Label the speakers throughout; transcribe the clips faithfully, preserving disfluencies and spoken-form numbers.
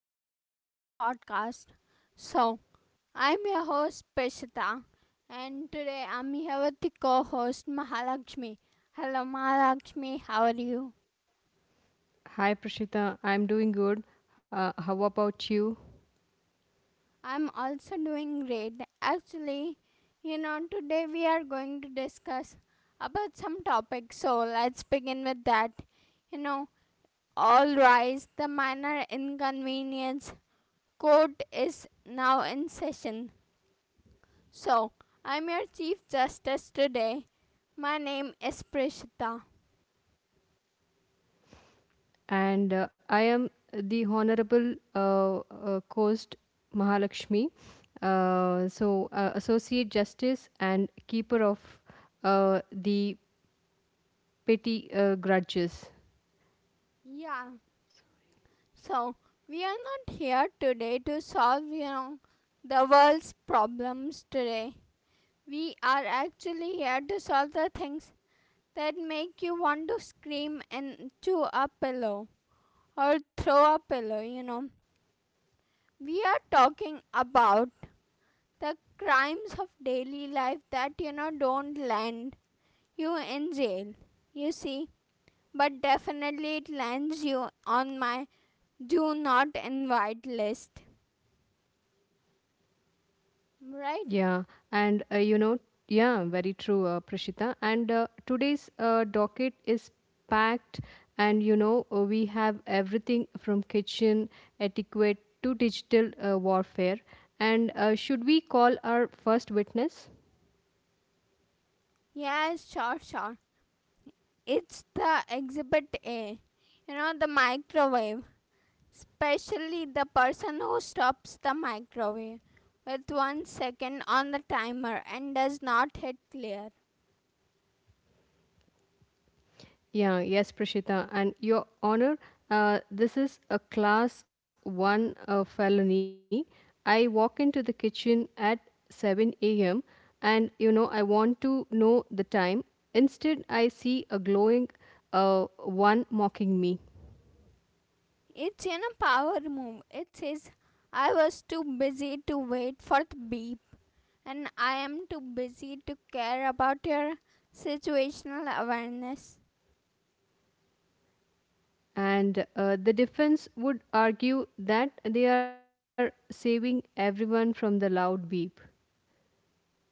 Speaker 1: back to our podcast. So, I'm your host, Prishita, and today I'm here with the co host, Mahalakshmi. Hello, Mahalakshmi, how are you?
Speaker 2: Hi Prashita, I'm doing good. Uh, how about you?
Speaker 1: I'm also doing great. Actually, you know, today we are going to discuss about some topics, so let's begin with that. You know, all rise, the minor inconvenience court is now in session. So, I'm your Chief Justice today. My name is Prishita.
Speaker 2: And uh, I am the Honorable uh, uh, Coast Mahalakshmi, uh, so uh, Associate Justice and Keeper of uh, the Petty uh, Grudges.
Speaker 1: Yeah. So, we are not here today to solve, you know, the world's problems today. We are actually here to solve the things that make you want to scream into a pillow or throw a pillow, you know. We are talking about the crimes of daily life that, you know, don't land you in jail. You see, but definitely it lands you on my do not invite list.
Speaker 2: Yeah,
Speaker 1: Right?
Speaker 2: and uh, you know, yeah, very true, uh, Prashita. And uh, today's uh, docket is packed, and you know, uh, we have everything from kitchen etiquette to digital uh, warfare. And uh, should we call our first witness?
Speaker 1: Yeah, sure, sure. It's the exhibit A. You know, the microwave. Especially the person who stops the microwave with one second on the timer and does not hit clear.
Speaker 2: Yeah, yes, Prashita. And Your Honor, uh, this is a class one uh, felony. I walk into the kitchen at seven a m and you know, I want to know the time. Instead, I see a glowing uh, one mocking me.
Speaker 1: It's in a power move. It says, I was too busy to wait for the beep, and I am too busy to care about your situational awareness.
Speaker 2: And uh, the defense would argue that they are saving everyone from the loud beep.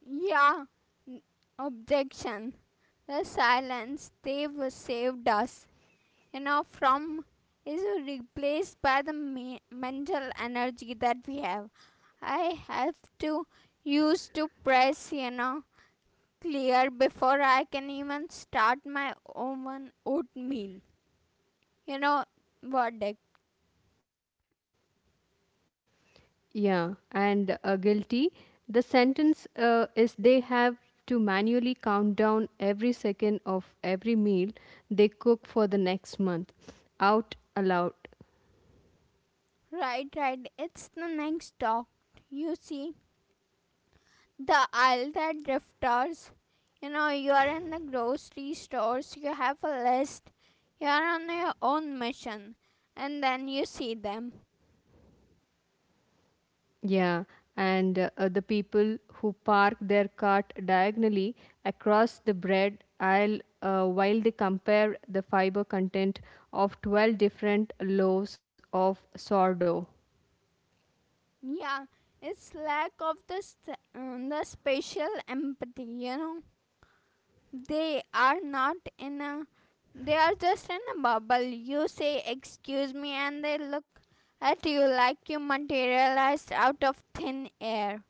Speaker 1: Yeah, objection. The silence they've saved us, you know, from is replaced by the me- mental energy that we have. I have to use to press, you know, clear before I can even start my own oatmeal. You know, what?
Speaker 2: Yeah, and uh, guilty. The sentence uh, is they have to manually count down every second of every meal they cook for the next month out aloud.
Speaker 1: Right, right. It's the next dock. You see, the aisle that drifters. You know, you're in the grocery stores, you have a list, you're on your own mission, and then you see them.
Speaker 2: Yeah, and uh, uh, the people who park their cart diagonally across the bread aisle uh, while they compare the fiber content of twelve different loaves of sourdough.
Speaker 1: Yeah, it's lack of the, st- uh, the spatial empathy, you know. They are not in a, they are just in a bubble. You say, excuse me, and they look at you like you materialized out of thin air.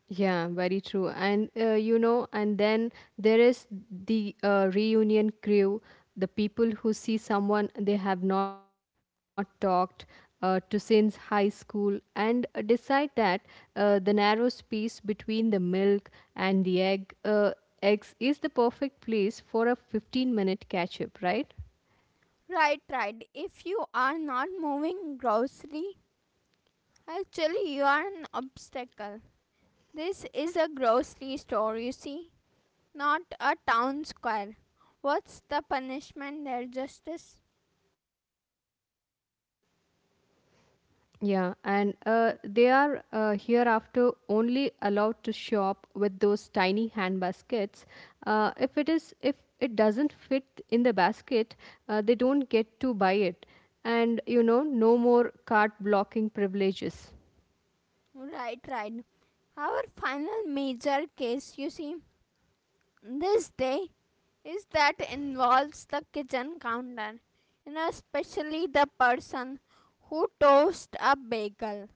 Speaker 2: Yeah, very true. And uh, you know, and then there is the uh, reunion crew, the people who see someone they have not talked uh, to since high school and decide that uh, the narrow space between the milk and the egg uh, eggs is the perfect place for a fifteen minute catch up, right?
Speaker 1: Right, right. If you are not moving grocery, actually you are an obstacle. This is a grocery store, you see, not a town square. What's the punishment there, Justice?
Speaker 2: Yeah, and uh, they are uh, hereafter only allowed to shop with those tiny hand baskets. Uh, if it is if it doesn't fit in the basket, uh, they don't get to buy it. And you know, no more cart blocking privileges.
Speaker 1: Right, right. Our final major case, you see, this day is that involves the kitchen counter and especially the person who toasts a bagel,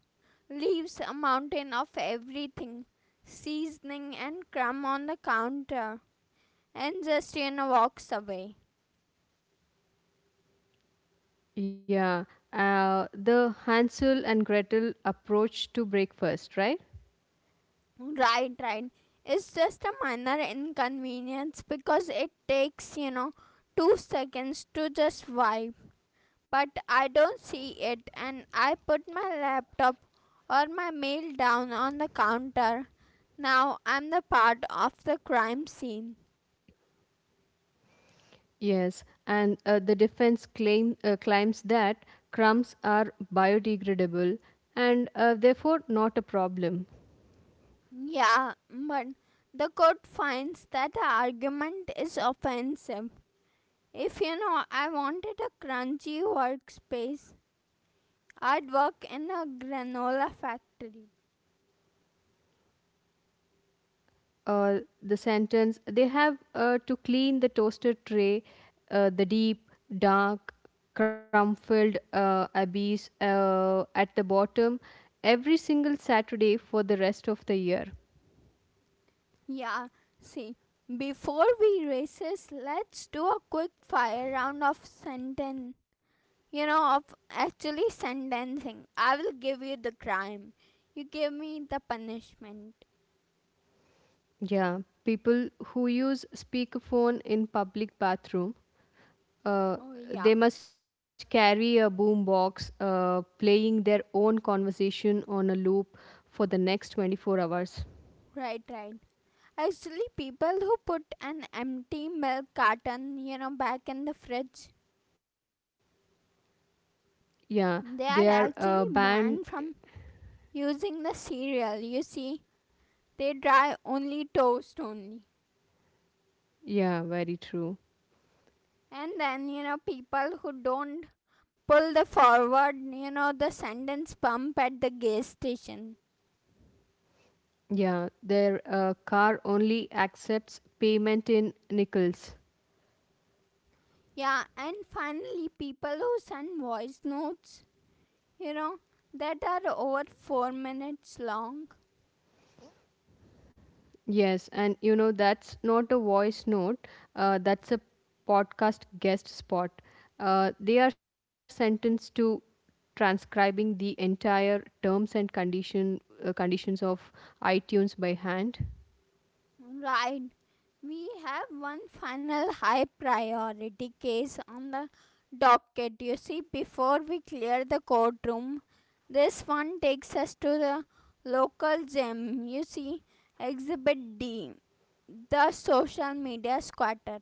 Speaker 1: leaves a mountain of everything, seasoning and crumb on the counter, and just you know walks away.
Speaker 2: Yeah, uh, the Hansel and Gretel approach to breakfast, right?
Speaker 1: Right, right. It's just a minor inconvenience because it takes you know two seconds to just wipe but I don't see it, and I put my laptop or my mail down on the counter. Now I'm the part of the crime scene.
Speaker 2: Yes, and uh, the defense claim, uh, claims that crumbs are biodegradable and uh, therefore not a problem.
Speaker 1: Yeah, but the court finds that the argument is offensive. If you know, I wanted a crunchy workspace. I'd work in a granola factory.
Speaker 2: Uh, the sentence they have uh, to clean the toaster tray, uh, the deep, dark, crumb filled uh, abyss uh, at the bottom every single Saturday for the rest of the year.
Speaker 1: Yeah, see, before we races, let's do a quick fire round of sentence you know, of actually sentencing. I will give you the crime. You give me the punishment.
Speaker 2: Yeah, people who use speakerphone in public bathroom.
Speaker 1: Oh,
Speaker 2: Uh,
Speaker 1: yeah.
Speaker 2: they must carry a boombox, uh, playing their own conversation on a loop for the next twenty-four hours.
Speaker 1: Right, right. Actually, people who put an empty milk carton, you know, back in the fridge,
Speaker 2: Yeah,
Speaker 1: they are
Speaker 2: their
Speaker 1: actually
Speaker 2: uh,
Speaker 1: banned
Speaker 2: band.
Speaker 1: from using the cereal. You see, they dry only toast only.
Speaker 2: Yeah, very true.
Speaker 1: And then, you know, people who don't pull the forward, you know, the sentence pump at the gas station.
Speaker 2: Yeah, their uh, car only accepts payment in nickels.
Speaker 1: Yeah, and finally, people who send voice notes, you know, that are over four minutes long.
Speaker 2: Yes, and you know, that's not a voice note, uh, that's a podcast guest spot. Uh, they are sentenced to transcribing the entire terms and condition uh, conditions of iTunes by hand.
Speaker 1: Right. We have one final high priority case on the docket. You see, before we clear the courtroom, this one takes us to the local gym. You see, Exhibit D, the social media squatter.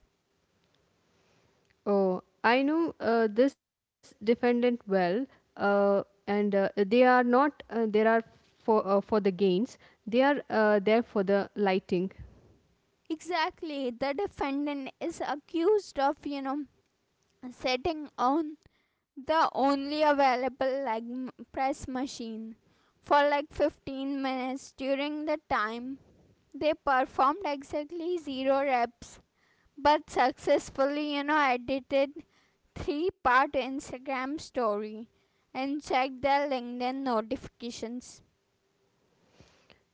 Speaker 2: Oh, I know uh, this defendant well, uh, and uh, they are not uh, there are for uh, for the gains. They are uh, there for the lighting.
Speaker 1: Exactly, the defendant is accused of, you know, setting on the only available leg press machine for like fifteen minutes during the time they performed exactly zero reps but successfully you know edited three part Instagram story and checked their LinkedIn notifications.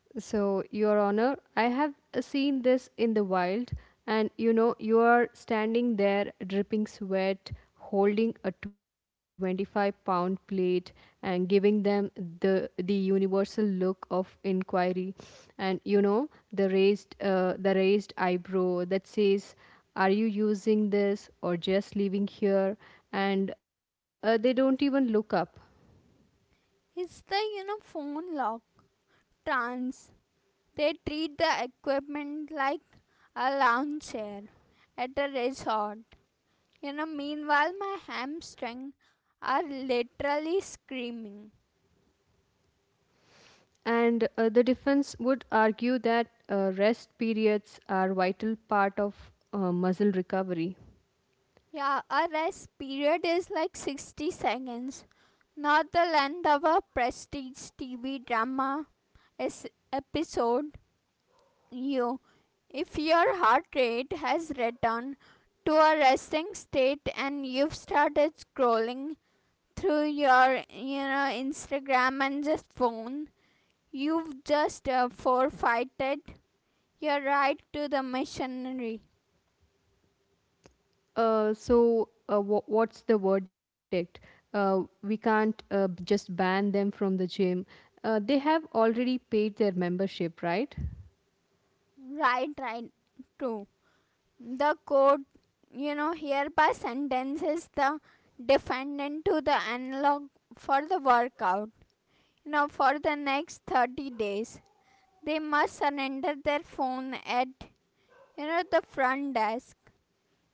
Speaker 2: So, Your Honor, I have seen this in the wild, and you know, you are standing there dripping sweat, holding a twenty-five pound plate and giving them the the universal look of inquiry and you know the raised uh, the raised eyebrow that says are you using this or just leaving here and uh, they don't even look up.
Speaker 1: It's the you know phone lock trance. They treat the equipment like a lounge chair at a resort. You know, meanwhile, my hamstring are literally screaming.
Speaker 2: And uh, the defense would argue that uh, rest periods are vital part of uh, muscle recovery.
Speaker 1: Yeah, our rest period is like sixty seconds, not the length of a prestige T V drama is- episode. You, if your heart rate has returned to a resting state and you've started scrolling through your, you know, Instagram and just phone, you've just uh, forfeited you're right to the missionary.
Speaker 2: Uh, so, uh, wha what's the verdict? Uh, we can't uh, b- just ban them from the gym. Uh, they have already paid their membership, right?
Speaker 1: Right, right, true. The court, you know, hereby sentences the defendant to the analog for the workout. You know, for the next thirty days, they must surrender their phone at, you know, the front desk.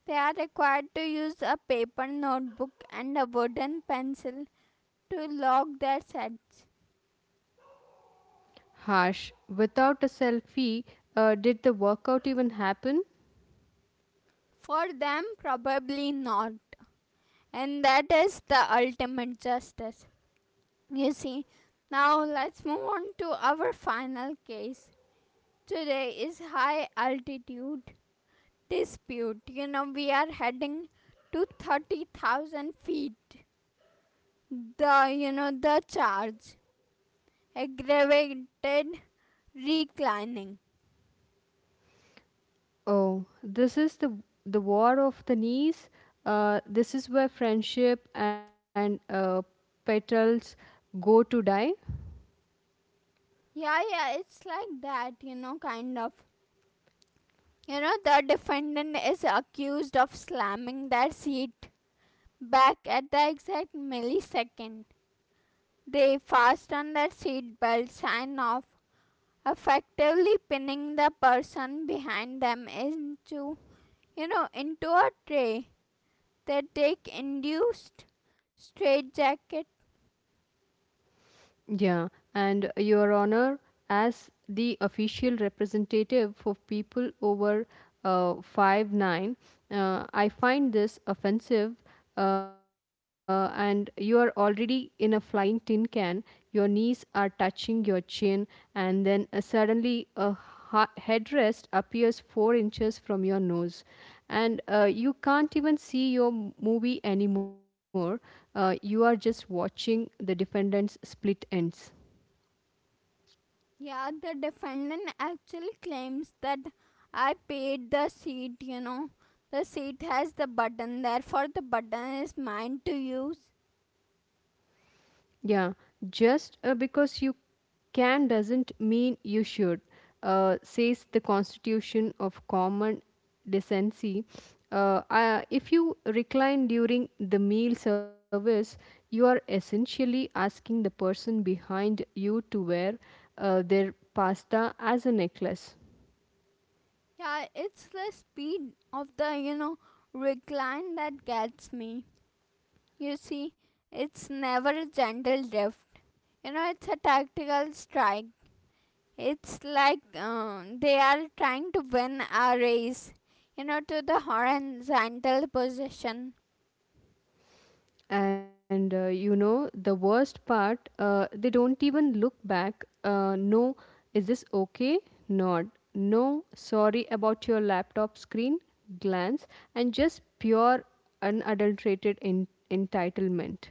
Speaker 1: They are required to use a paper notebook and a wooden pencil to log their sets.
Speaker 2: Harsh. Without a selfie, uh, did the workout even happen?
Speaker 1: For them, probably not. And that is the ultimate justice. You see, now let's move on to our final case. Today is high altitude dispute. You know, we are heading to thirty thousand feet. The, you know, the charge. Aggravated reclining.
Speaker 2: Oh, this is the the war of the knees. Uh, this is where friendship and uh, petals go to die.
Speaker 1: Yeah, yeah, it's like that, you know, kind of. You know, the defendant is accused of slamming that seat back at the exact millisecond they fasten their seat belts and off, effectively pinning the person behind them into you know into a tray. They take induced straitjacket.
Speaker 2: Yeah, and Your Honor, as the official representative for people over uh, five nine, uh, I find this offensive. Uh, and you are already in a flying tin can. Your knees are touching your chin, and then uh, suddenly a ha- headrest appears four inches from your nose and uh, you can't even see your m- movie anymore. Uh, you are just watching the defendant's split ends.
Speaker 1: Yeah, the defendant actually claims that I paid the seat, you know. The seat has the button, therefore the button is mine to use.
Speaker 2: Yeah just uh, because you can doesn't mean you should, uh, says the constitution of common decency. Uh, uh, if you recline during the meal service, you are essentially asking the person behind you to wear uh, their pasta as a necklace.
Speaker 1: Yeah, it's the speed of the, you know, recline that gets me. You see, it's never a gentle drift. You know, it's a tactical strike. It's like um, they are trying to win a race, you know, to the horizontal position.
Speaker 2: And uh, you know, the worst part, uh, they don't even look back. Uh, no, is this okay? Not. No, sorry about your laptop screen glance, and just pure unadulterated en- entitlement.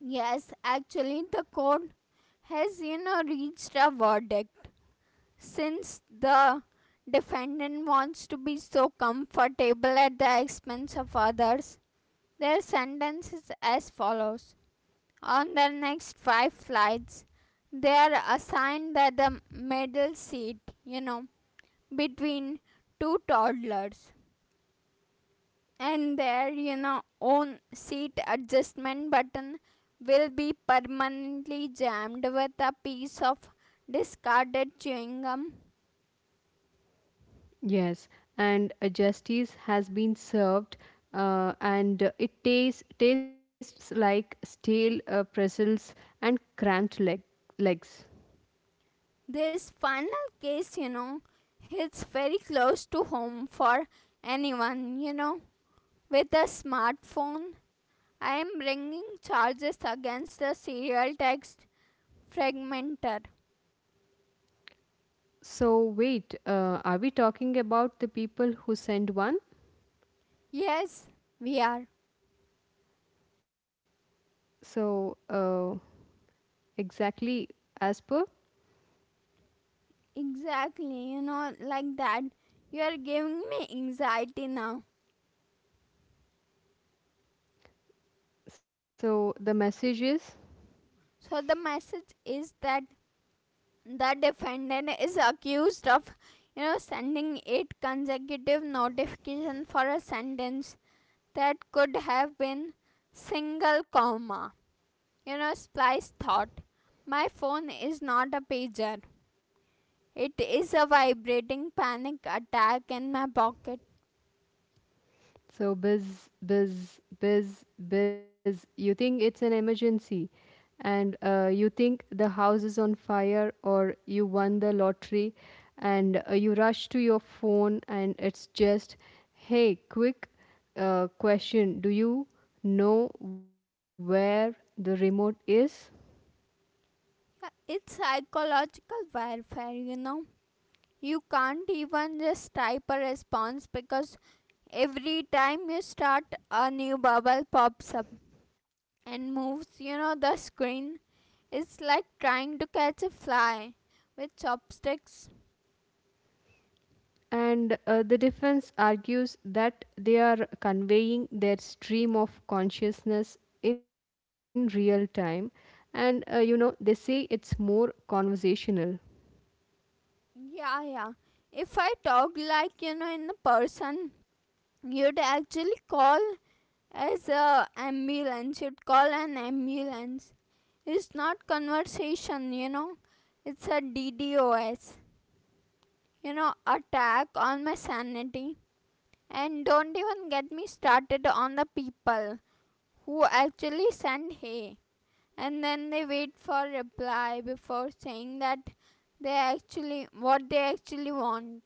Speaker 1: Yes, actually, the court has, you know, reached a verdict. Since the defendant wants to be so comfortable at the expense of others, their sentence is as follows. On the next five flights, they are assigned the, the middle seat, you know, between two toddlers. And their, you know, own seat adjustment button will be permanently jammed with a piece of discarded chewing gum.
Speaker 2: Yes, and uh, justice has been served, uh, and uh, it tastes tastes like stale uh, pretzels and cramped leg legs.
Speaker 1: This final case, you know, hits very close to home for anyone, you know, with a smartphone. I am bringing charges against the serial text fragmenter.
Speaker 2: So wait, uh, are we talking about the people who send one?
Speaker 1: Yes, we are.
Speaker 2: So uh, exactly as per.
Speaker 1: Exactly, you know, like that. You are giving me anxiety now.
Speaker 2: So the message is
Speaker 1: So the message is that the defendant is accused of, you know, sending eight consecutive notifications for a sentence that could have been single comma. You know, splice thought. My phone is not a pager. It is a vibrating panic attack in my pocket.
Speaker 2: so biz biz biz biz. You think it's an emergency, and uh, you think the house is on fire or you won the lottery, and uh, you rush to your phone and it's just, hey, quick uh, question. Do you know where the remote is?
Speaker 1: Yeah, it's psychological warfare, you know. You can't even just type a response because every time you start, a new bubble pops up and moves, you know, the screen. It's like trying to catch a fly with chopsticks.
Speaker 2: And uh, the defense argues that they are conveying their stream of consciousness in real time. And uh, you know, they say it's more conversational.
Speaker 1: Yeah, yeah. If I talk like, you know, in a person, you'd actually call as a ambulance. You'd call an ambulance. It's not conversation, you know. It's a D dos, you know, attack on my sanity. And don't even get me started on the people who actually send hey and then they wait for reply before saying that they actually what they actually want.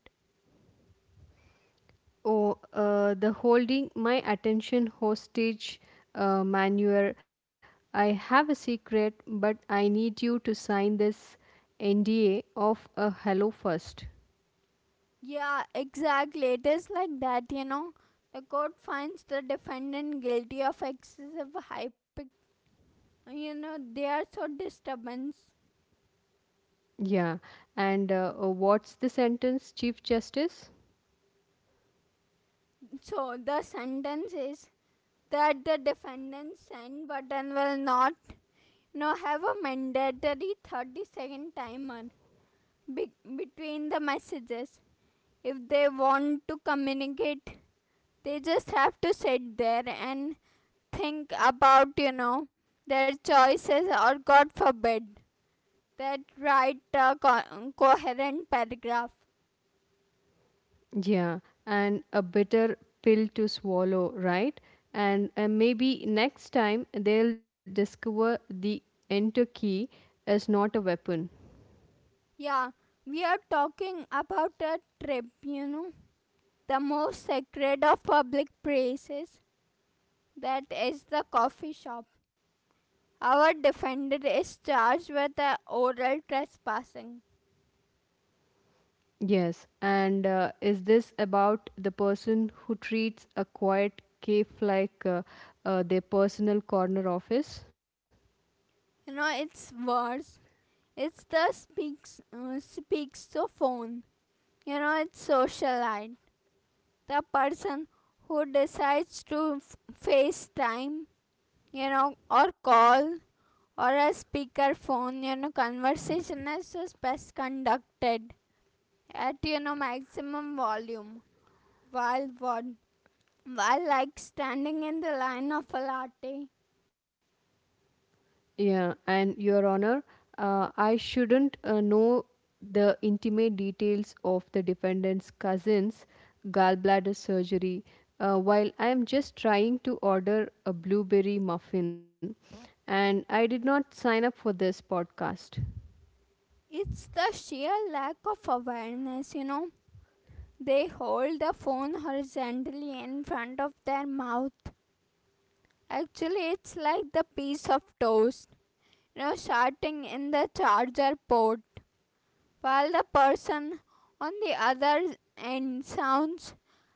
Speaker 2: Oh, uh, the holding my attention hostage uh, manure. I have a secret, but I need you to sign this N D A of a hello first.
Speaker 1: Yeah, exactly. It is like that, you know. The court finds the defendant guilty of excessive hype. You know, they are so disturbance.
Speaker 2: Yeah. And uh, uh, what's the sentence, Chief Justice?
Speaker 1: So the sentence is that the defendant's send button will not you know, have a mandatory thirty second timer be- between the messages. If they want to communicate, they just have to sit there and think about, you know, their choices or, God forbid, that write a co- coherent paragraph.
Speaker 2: Yeah, and a bitter pill to swallow, right? And uh, maybe next time they'll discover the enter key is not a weapon.
Speaker 1: Yeah, we are talking about a trip, you know. The most sacred of public places, that is the coffee shop. Our defendant is charged with uh, oral trespassing.
Speaker 2: Yes, and uh, is this about the person who treats a quiet cave like uh, uh, their personal corner office?
Speaker 1: You know, it's worse. It's the speaks uh, speaks to phone. You know, it's socialite. The person who decides to f- FaceTime, you know, or call or a speaker phone, you know, conversation is just best conducted at you know maximum volume. While what? While like standing in the line of a latte.
Speaker 2: Yeah, and Your Honor, uh, I shouldn't uh, know the intimate details of the defendant's cousin's gallbladder surgery uh, while I am just trying to order a blueberry muffin. And I did not sign up for this podcast.
Speaker 1: It's the sheer lack of awareness, you know. They hold the phone horizontally in front of their mouth. Actually, it's like the piece of toast, you know, shouting in the charger port, while the person on the other end sounds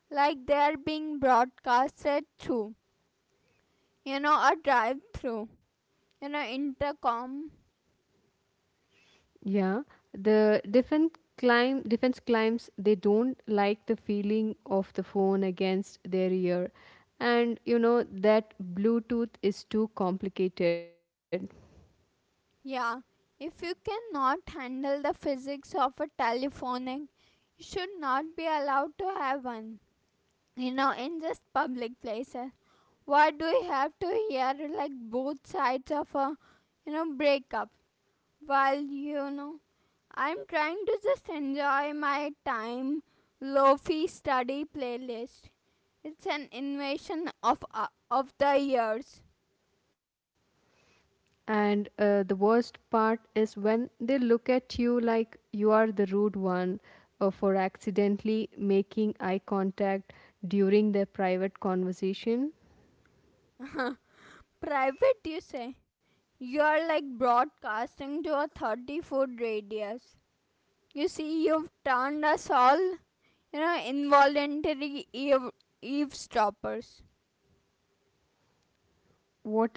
Speaker 1: like they are being broadcasted through, you know, a drive through, you know, intercom.
Speaker 2: Yeah, the defense claim defense claims they don't like the feeling of the phone against their ear and you know that bluetooth is too complicated.
Speaker 1: Yeah, if you cannot handle the physics of a telephonic, you should not be allowed to have one. You know, in just public places. Why do we have to hear like both sides of a, you know, breakup? While you know, I'm trying to just enjoy my time. Lo-fi study playlist. It's an invasion of uh, of the ears.
Speaker 2: And uh, the worst part is when they look at you like you are the rude one uh, for accidentally making eye contact during their private conversation.
Speaker 1: Private, you say? You are like broadcasting to a thirty foot radius. You see, you've turned us all, you know, involuntary eav- eavesdroppers.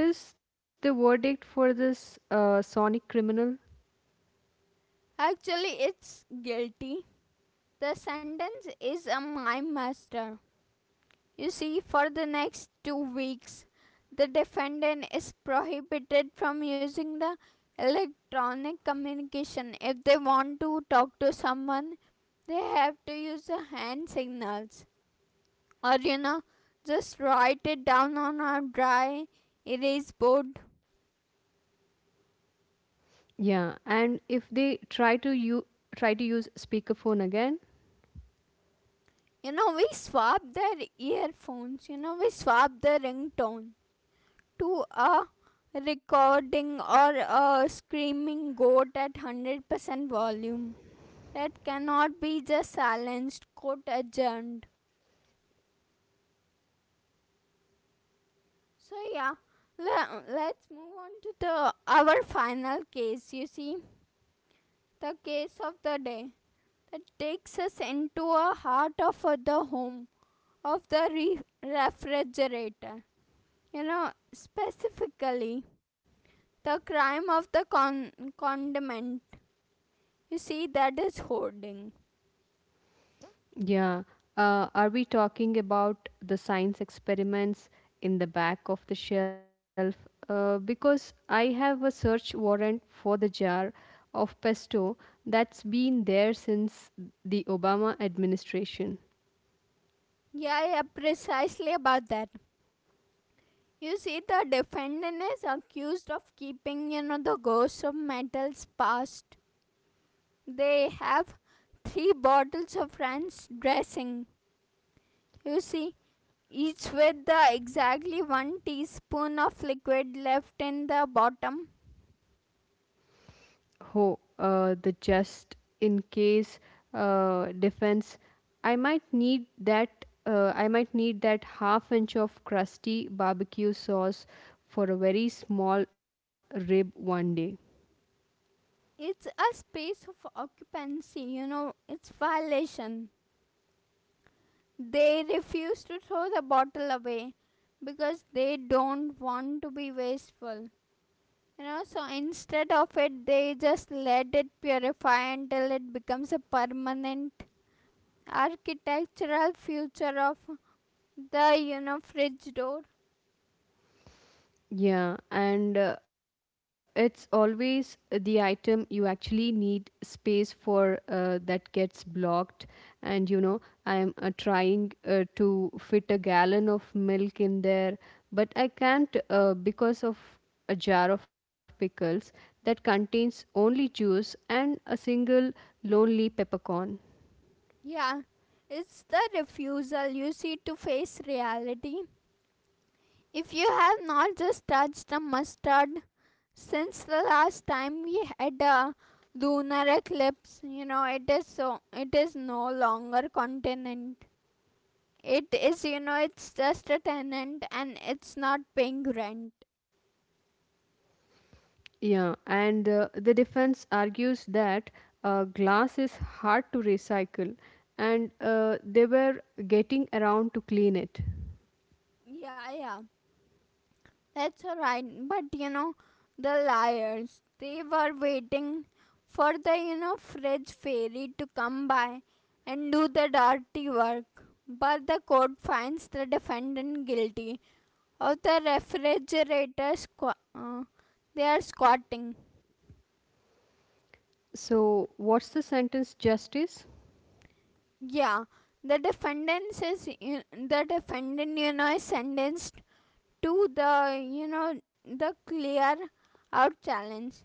Speaker 2: What is the verdict for this uh, sonic criminal?
Speaker 1: Actually, it's guilty. The sentence is a mime master. You see, for the next two weeks, the defendant is prohibited from using the electronic communication. If they want to talk to someone, they have to use the hand signals. Or you know just write it down on our dry erase board.
Speaker 2: Yeah, and if they try to you try to use speakerphone again,
Speaker 1: You know we swap their earphones. You know we swap the ringtone to a recording or a screaming goat at one hundred percent volume that cannot be just silenced. Quote, adjourned. So yeah, le- let's move on to the our final case. You see, the case of the day, that takes us into a heart of the home of the re- refrigerator. You know, specifically the crime of the con- condiment. You see, that is hoarding.
Speaker 2: yeah. Uh, are we talking about the science experiments in the back of the shelf? Uh, because I have a search warrant for the jar of pesto that's been there since the Obama administration.
Speaker 1: Yeah, yeah, precisely about that. You see, the defendant is accused of keeping, you know, the ghosts of metals past. They have three bottles of French dressing. You see, each with the exactly one teaspoon of liquid left in the bottom.
Speaker 2: Oh, uh, the just in case uh, defense. I might need that. Uh, I might need that half inch of crusty barbecue sauce for a very small rib one day.
Speaker 1: It's a space of occupancy, you know, it's violation. They refuse to throw the bottle away because they don't want to be wasteful. You know, so instead of it, they just let it purify until it becomes a permanent architectural feature of the, you know, fridge door.
Speaker 2: Yeah, and uh, it's always the item you actually need space for uh, that gets blocked. And you know, I'm uh, trying uh, to fit a gallon of milk in there, but I can't uh, because of a jar of pickles that contains only juice and a single lonely peppercorn.
Speaker 1: Yeah, it's the refusal, you see, to face reality. If you have not just touched a mustard since the last time we had a lunar eclipse, you know, it is, so it is no longer continent. It is, you know, it's just a tenant and it's not paying rent.
Speaker 2: Yeah, and uh, the defense argues that uh, glass is hard to recycle and uh, they were getting around to clean it.
Speaker 1: Yeah, yeah. That's alright. But you know, the liars, they were waiting for the, you know, fridge fairy to come by and do the dirty work. But the court finds the defendant guilty of the refrigerators, uh, they are squatting.
Speaker 2: So, what's the sentence, justice?
Speaker 1: Yeah, the defendant says you- the defendant, you know, is sentenced to the, you know, the clear out challenge.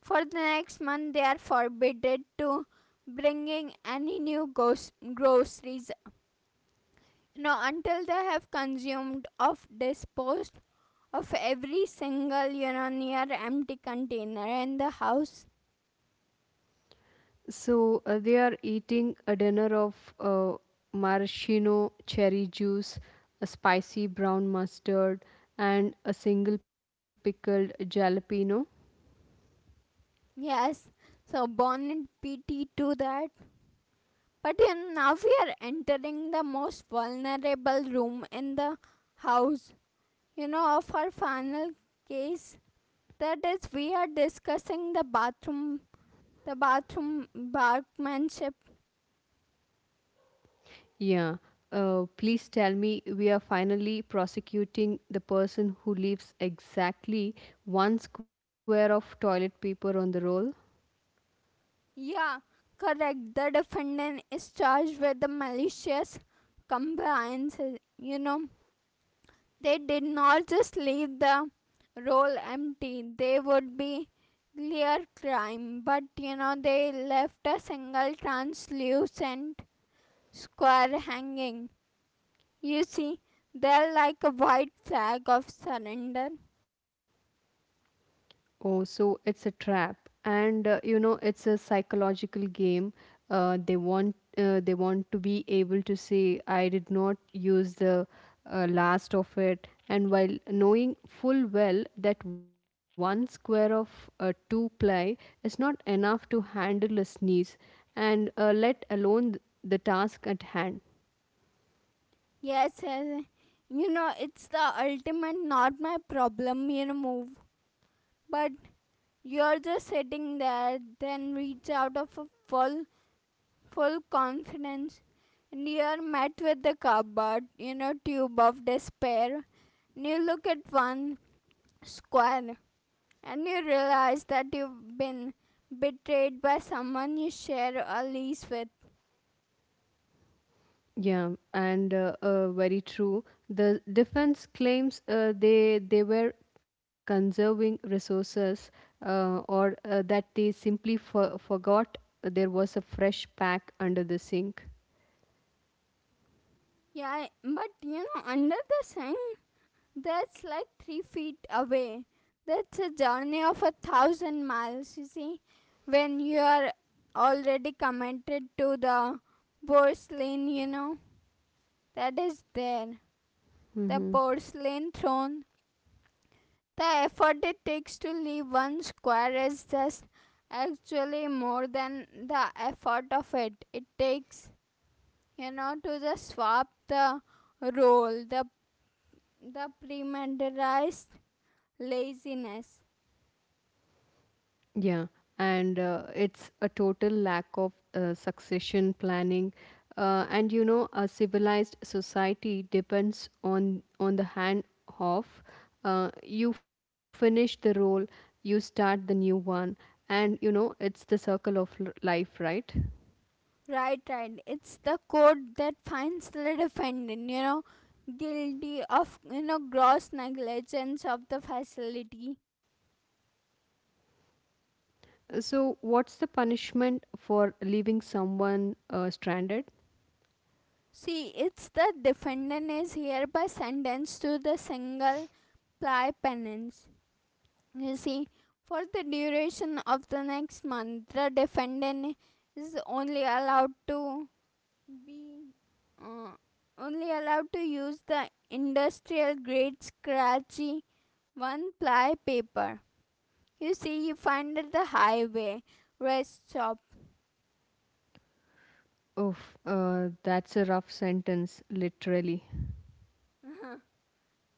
Speaker 1: For the next month they are forbidden to bringing any new gos- groceries, you know, until they have consumed of disposed of every single, you know, near empty container in the house.
Speaker 2: So, uh, they are eating a dinner of uh, maraschino cherry juice, a spicy brown mustard, and a single pickled jalapeno.
Speaker 1: Yes, so bonnet pity to that. But yeah, now we are entering the most vulnerable room in the house. You know, of our final case, that is, we are discussing the bathroom, the bathroom barkmanship.
Speaker 2: Yeah. Uh, please tell me we are finally prosecuting the person who leaves exactly one square of toilet paper on the roll.
Speaker 1: Yeah, correct. The defendant is charged with the malicious compliance. You know, they did not just leave the role empty. They would be clear crime, but you know they left a single translucent square hanging. You see, they're like a white flag of surrender.
Speaker 2: Oh, so it's a trap, and uh, you know it's a psychological game. Uh, they want uh, they want to be able to say, "I did not use the uh, last of it," and while knowing full well that one square of uh, two ply is not enough to handle a sneeze, and uh, let alone th- the task at hand.
Speaker 1: Yes, yes. You know, it's the ultimate not my problem, you know, move. But you're just sitting there, then reach out of a full full confidence. Near met with the cupboard, you know, tube of despair. And you look at one square and you realize that you've been betrayed by someone you share a lease with.
Speaker 2: Yeah, and uh, uh, very true. The defense claims uh, they they were conserving resources, uh, or uh, that they simply for- forgot there was a fresh pack under the sink.
Speaker 1: Yeah, but you know, under the sink, that's like three feet away. That's a journey of a thousand miles, you see, when you are already committed to the porcelain, you know, that is there. The
Speaker 2: Mhm.
Speaker 1: porcelain throne, the effort it takes to leave one square is just actually more than the effort of it. It takes, you know, to just swap the role, the the premeditated laziness.
Speaker 2: Yeah, and uh, it's a total lack of uh, succession planning. Uh, and you know, a civilized society depends on on the hand off. Uh, you finish the role, you start the new one, and you know it's the circle of l- life, right?
Speaker 1: Right, right. It's the court that finds the defendant, you know, guilty of, you know, gross negligence of the facility.
Speaker 2: So, what's the punishment for leaving someone uh, stranded?
Speaker 1: See, it's the defendant is hereby sentenced to the single ply penance. You see, for the duration of the next month, the defendant is only allowed to be, uh, only allowed to use the industrial grade scratchy one ply paper. You see, you find at the highway rest stop.
Speaker 2: Oh, uh, that's a rough sentence, literally.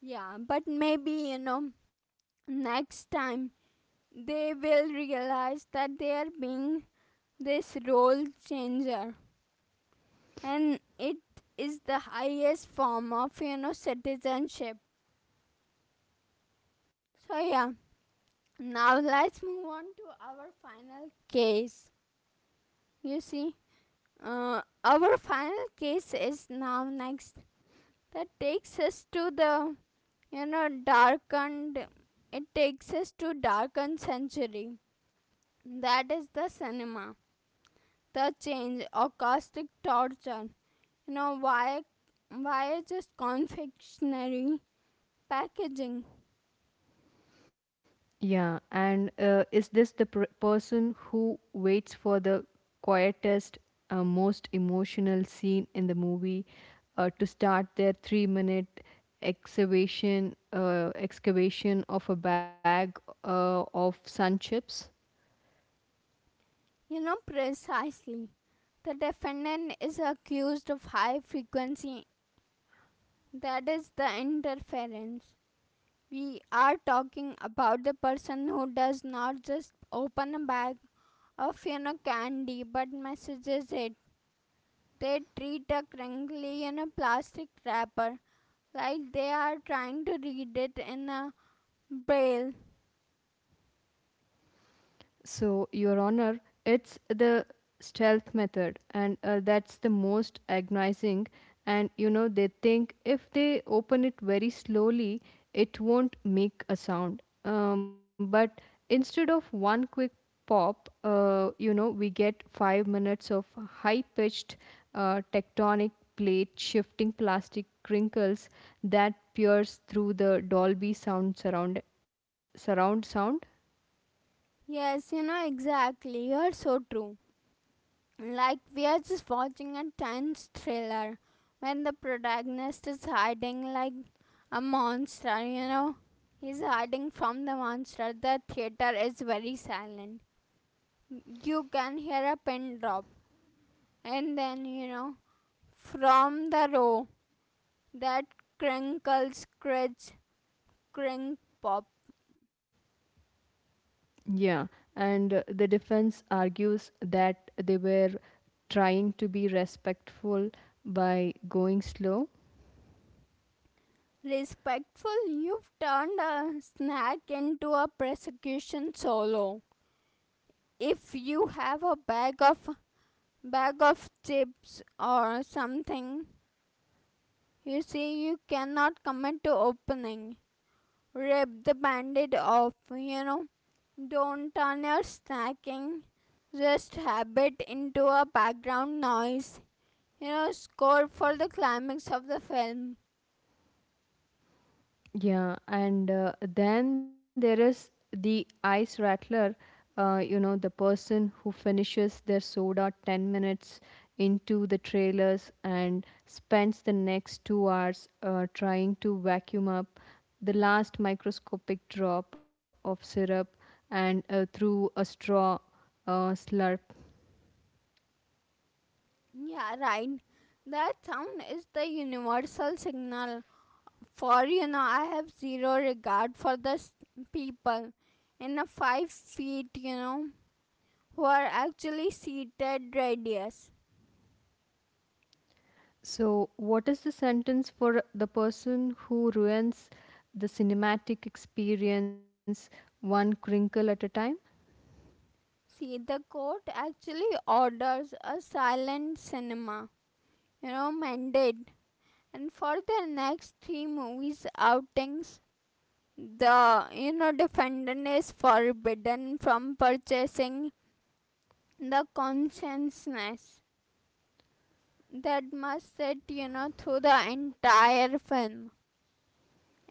Speaker 1: Yeah, but maybe, you know, next time they will realize that they are being this role changer and it is the highest form of, you know, citizenship. So yeah, now let's move on to our final case. You see, uh, our final case is now next, that takes us to the, you know, darkened, it takes us to darkened century, that is the cinema, the change or caustic torture. You know, why, why just confectionery packaging?
Speaker 2: Yeah, and uh, is this the pr- person who waits for the quietest, uh, most emotional scene in the movie uh, to start their three-minute excavation, uh, excavation of a bag uh, of sun chips?
Speaker 1: You know, precisely. The defendant is accused of high frequency, that is the interference. We are talking about the person who does not just open a bag of, you know, candy but messages it. They treat a crinkly in a plastic wrapper like they are trying to read it in a braille.
Speaker 2: So, Your Honor, it's the stealth method, and uh, that's the most agonizing. And you know, they think if they open it very slowly, it won't make a sound. Um, but instead of one quick pop, uh, you know, we get five minutes of high pitched uh, tectonic plate shifting plastic crinkles that pierce through the Dolby sound surround surround sound.
Speaker 1: Yes, you know exactly. You're so true. Like we are just watching a tense thriller when the protagonist is hiding like a monster, you know. He's hiding from the monster. The theater is very silent. You can hear a pin drop. And then, you know, from the row, that crinkle scratch crink pop.
Speaker 2: Yeah, and uh, the defense argues that they were trying to be respectful by going slow.
Speaker 1: Respectful, you've turned a snack into a prosecution solo. If you have a bag of bag of chips or something, you see you cannot commit to opening. Rip the bandit off, you know. Don't turn your snacking just habit into a background noise. You know, score for the climax of the film.
Speaker 2: Yeah, and uh, then there is the ice rattler, uh, you know, the person who finishes their soda ten minutes into the trailers and spends the next two hours uh, trying to vacuum up the last microscopic drop of syrup and uh, through a straw uh, slurp.
Speaker 1: Yeah, right. That sound is the universal signal for, you know. I have zero regard for the s- people in the five feet, you know, who are actually seated radius.
Speaker 2: So, what is the sentence for the person who ruins the cinematic experience one crinkle at a time?
Speaker 1: See, the court actually orders a silent cinema, you know, mandate, and for the next three movies outings, the, you know, defendant is forbidden from purchasing the consciousness, that must sit, you know, through the entire film.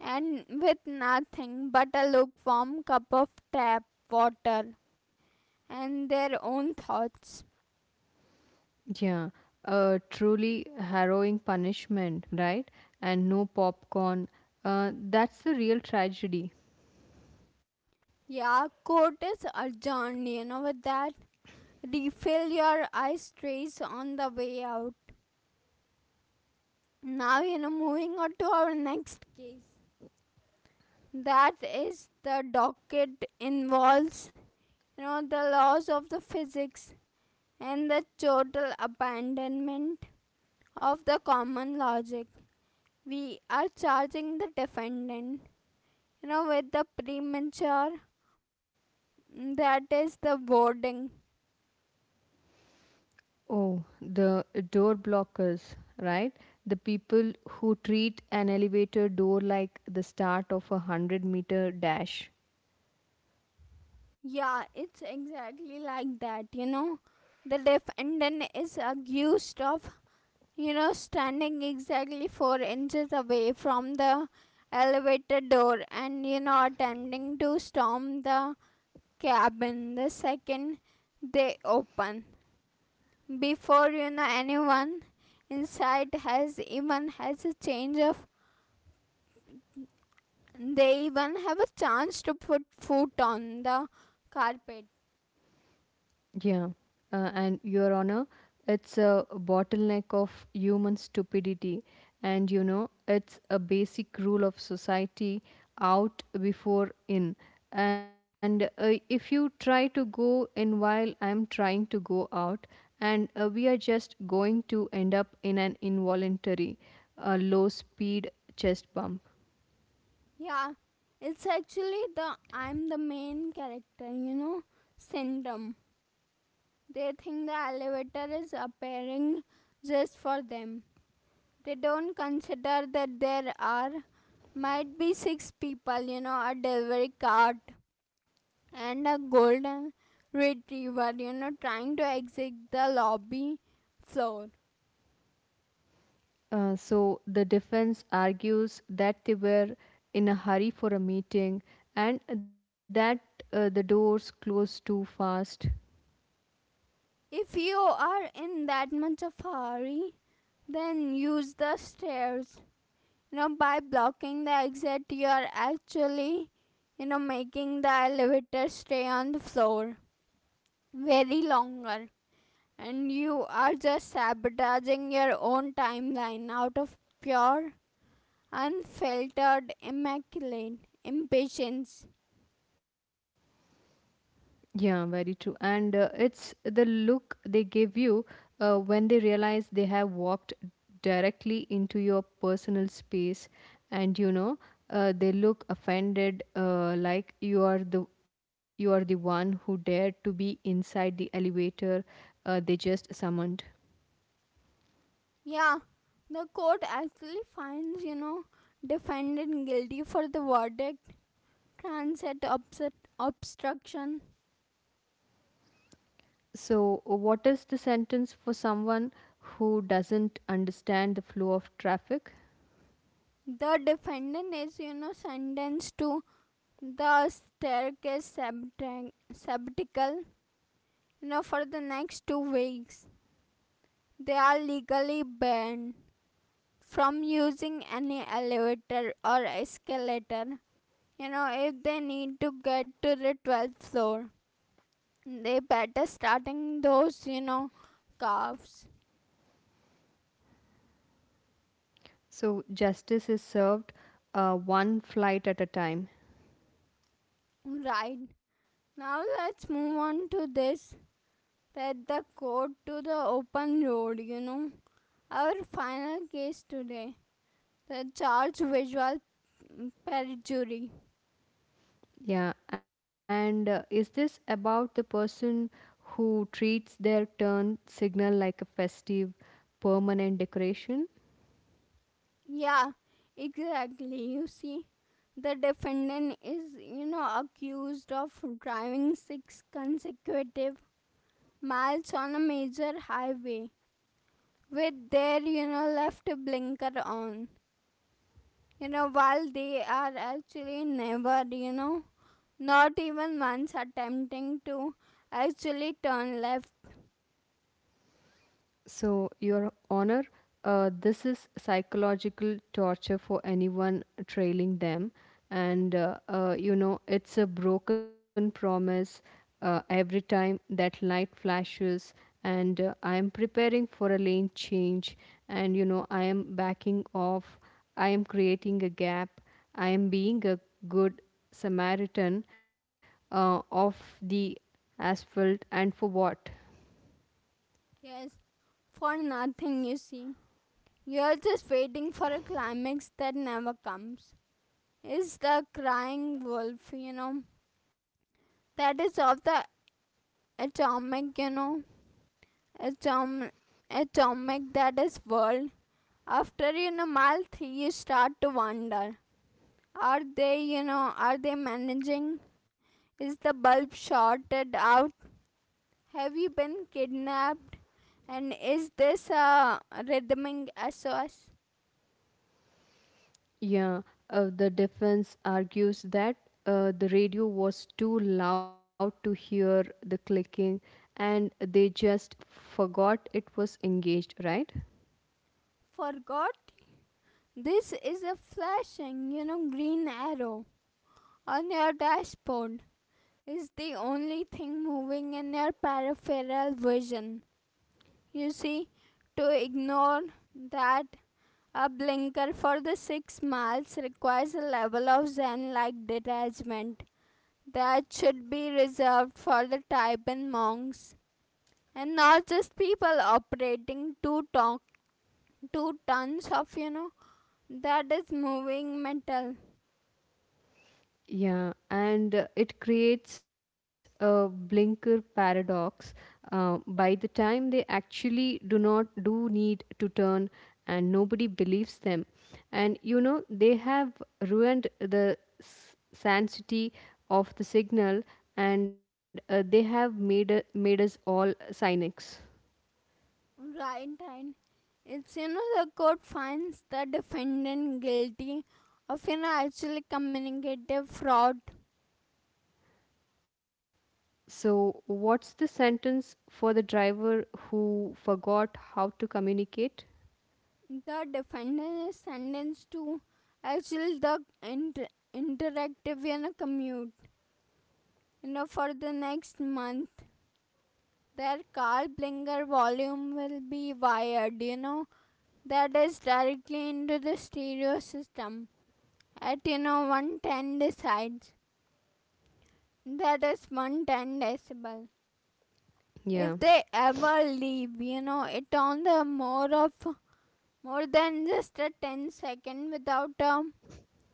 Speaker 1: And with nothing but a lukewarm cup of tap water and their own thoughts.
Speaker 2: Yeah, a truly harrowing punishment, right? And no popcorn. Uh, that's the real tragedy.
Speaker 1: Yeah, court is adjourned, you know, with that. Refill your ice trays on the way out. Now, you know, moving on to our next case. That is the docket involves, you know, the laws of the physics and the total abandonment of the common logic. We are charging the defendant, you know, with the premature, that is the boarding.
Speaker 2: Oh, the door blockers, right? The people who treat an elevator door like the start of a one hundred meter dash.
Speaker 1: Yeah, it's exactly like that, you know. The defendant is accused of, you know, standing exactly four inches away from the elevator door and, you know, attempting to storm the cabin the second they open. Before, you know, anyone inside has even has a change of, they even have a chance to put foot on the carpet.
Speaker 2: Yeah, uh, and Your Honor, it's a bottleneck of human stupidity, and you know, it's a basic rule of society: out before in. And uh, if you try to go in while I'm trying to go out, and uh, we are just going to end up in an involuntary, uh, low speed chest bump.
Speaker 1: Yeah, it's actually the I'm the main character, you know, syndrome. They think the elevator is appearing just for them. They don't consider that there are might be six people, you know, a delivery cart and a golden retriever, you know, trying to exit the lobby floor.
Speaker 2: Uh, so the defense argues that they were in a hurry for a meeting and that uh, the doors closed too fast.
Speaker 1: If you are in that much of a hurry, then use the stairs. You know, by blocking the exit, you are actually, you know, making the elevator stay on the floor very longer. And you are just sabotaging your own timeline out of pure, unfiltered, immaculate impatience.
Speaker 2: Yeah, very true. And uh, it's the look they give you uh, when they realize they have walked directly into your personal space, and you know uh, they look offended, uh, like you are the you are the one who dared to be inside the elevator uh, they just summoned.
Speaker 1: Yeah, the court actually finds, you know, defendant guilty for the verdict, transit obst- obstruction.
Speaker 2: So, what is the sentence for someone who doesn't understand the flow of traffic?
Speaker 1: The defendant is, you know, sentenced to the staircase septic- septical, you know, for the next two weeks. They are legally banned from using any elevator or escalator, you know, if they need to get to the twelfth floor. They better starting those, you know, calves.
Speaker 2: So, justice is served uh, one flight at a time.
Speaker 1: Right, now let's move on to this, that the court to the open road, you know, our final case today. The charge, visual perjury.
Speaker 2: Yeah, and uh, is this about the person who treats their turn signal like a festive, permanent decoration?
Speaker 1: Yeah, exactly. You see, the defendant is, you know, accused of driving six consecutive miles on a major highway with their, you know, left blinker on. You know, while they are actually never, you know, not even once attempting to actually turn left.
Speaker 2: So, Your Honor, uh, this is psychological torture for anyone trailing them. And, uh, uh, you know, it's a broken promise uh, every time that light flashes. And uh, I am preparing for a lane change. And, you know, I am backing off. I am creating a gap. I am being a good Samaritan uh, of the asphalt. And for what?
Speaker 1: Yes, for nothing, you see. You're just waiting for a climax that never comes. It's the crying wolf, you know. That is of the atomic, you know, atom, atomic that is world. After, you know, mile three, you start to wonder, are they, you know, are they managing? Is the bulb shorted out? Have you been kidnapped? And is this a rhythmic S O S?
Speaker 2: Yeah, uh, the defense argues that uh, the radio was too loud to hear the clicking and they just forgot it was engaged, right?
Speaker 1: Forgot? This is a flashing, you know, green arrow on your dashboard. Is the only thing moving in your peripheral vision. You see, to ignore that a blinker for the six miles requires a level of zen like detachment, that should be reserved for the Tibetan monks and not just people operating two, ton- two tons of, you know, that is moving metal.
Speaker 2: Yeah, and uh, it creates a blinker paradox. Uh, by the time they actually do not do need to turn, and nobody believes them, and you know they have ruined the s- sanctity of the signal, and uh, they have made u- made us all cynics.
Speaker 1: Right, right. It's, you know, the court finds the defendant guilty of, you know, actually communicative fraud.
Speaker 2: So, what's the sentence for the driver who forgot how to communicate?
Speaker 1: The defendant is sentenced to actually the inter- interactive, you know, commute, you know, for the next month. Their car blinker volume will be wired, you know, that is directly into the stereo system at, you know, one ten decides. That is one ten decibel.
Speaker 2: Yeah.
Speaker 1: If they ever leave, you know, it on the more of more than just a ten second without a,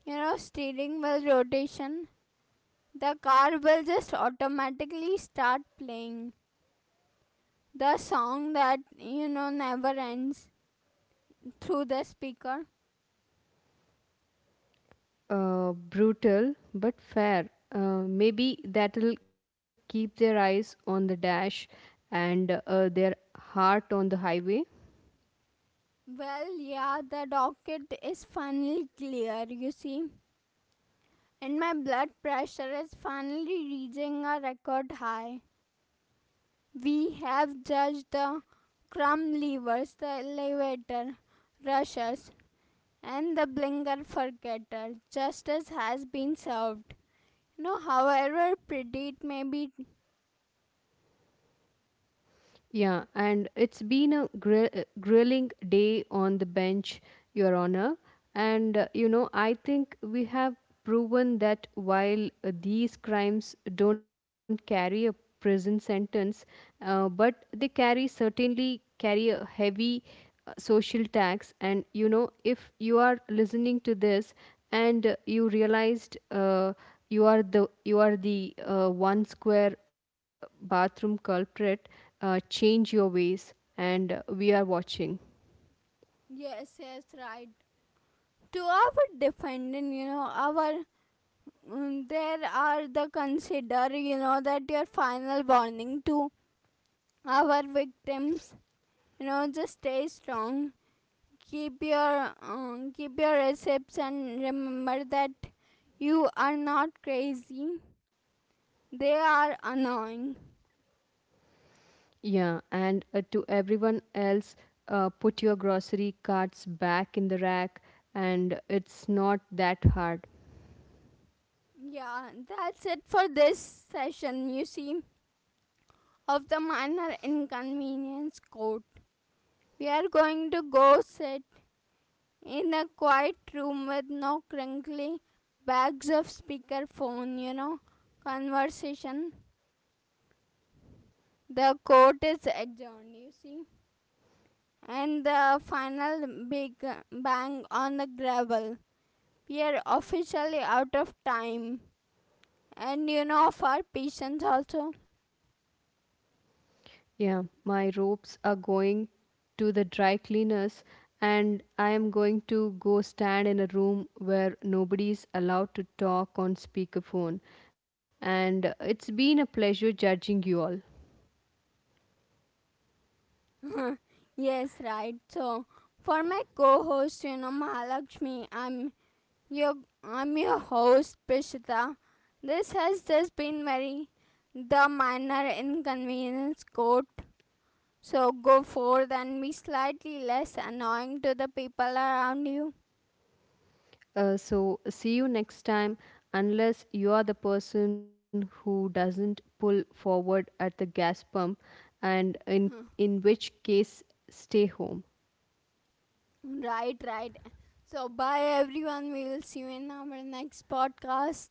Speaker 1: you know, steering wheel rotation, the car will just automatically start playing the song that, you know, never ends through the speaker.
Speaker 2: uh, Brutal but fair. Uh, maybe that'll keep their eyes on the dash and uh, their heart on the highway.
Speaker 1: Well, yeah, the docket is finally clear, you see, and my blood pressure is finally reaching a record high. We have judged the crumb levers, the elevator rushers, and the blinker forgetter. Justice has been served. No, however pretty it may be.
Speaker 2: Yeah, and it's been a gri- uh, grilling day on the bench, Your Honor. And uh, you know, I think we have proven that while uh, these crimes don't carry a prison sentence, uh, but they carry certainly carry a heavy uh, social tax, and you know, if you are listening to this and uh, you realized uh, you are the you are the uh, one square bathroom culprit, uh, change your ways and uh, we are watching.
Speaker 1: Yes, yes, right. To our defendant, you know, our, mm, there are the consider, you know, that your final warning to our victims, you know, just stay strong. Keep your um, keep your receipts and remember that you are not crazy, they are annoying.
Speaker 2: Yeah, and uh, to everyone else, uh, put your grocery carts back in the rack, and it's not that hard.
Speaker 1: Yeah, that's it for this session. You see, of the minor inconvenience code, we are going to go sit in a quiet room with no crinkly bags of speakerphone, you know, conversation. The court is adjourned, you see. And the final big bang on the gravel. We are officially out of time. And you know, for our patience also.
Speaker 2: Yeah, my robes are going to the dry cleaners, and I am going to go stand in a room where nobody is allowed to talk on speakerphone. And uh, it's been a pleasure judging you all.
Speaker 1: Yes, right. So, for my co host, you know, Mahalakshmi, I'm, yup, I'm your host Prishita. This has just been very the minor inconvenience quote. So go forth and be slightly less annoying to the people around you.
Speaker 2: Uh, so, see you next time, unless you are the person who doesn't pull forward at the gas pump, and in,
Speaker 1: Huh.
Speaker 2: in which case, stay home.
Speaker 1: Right, right. So bye everyone. We'll see you in our next podcast.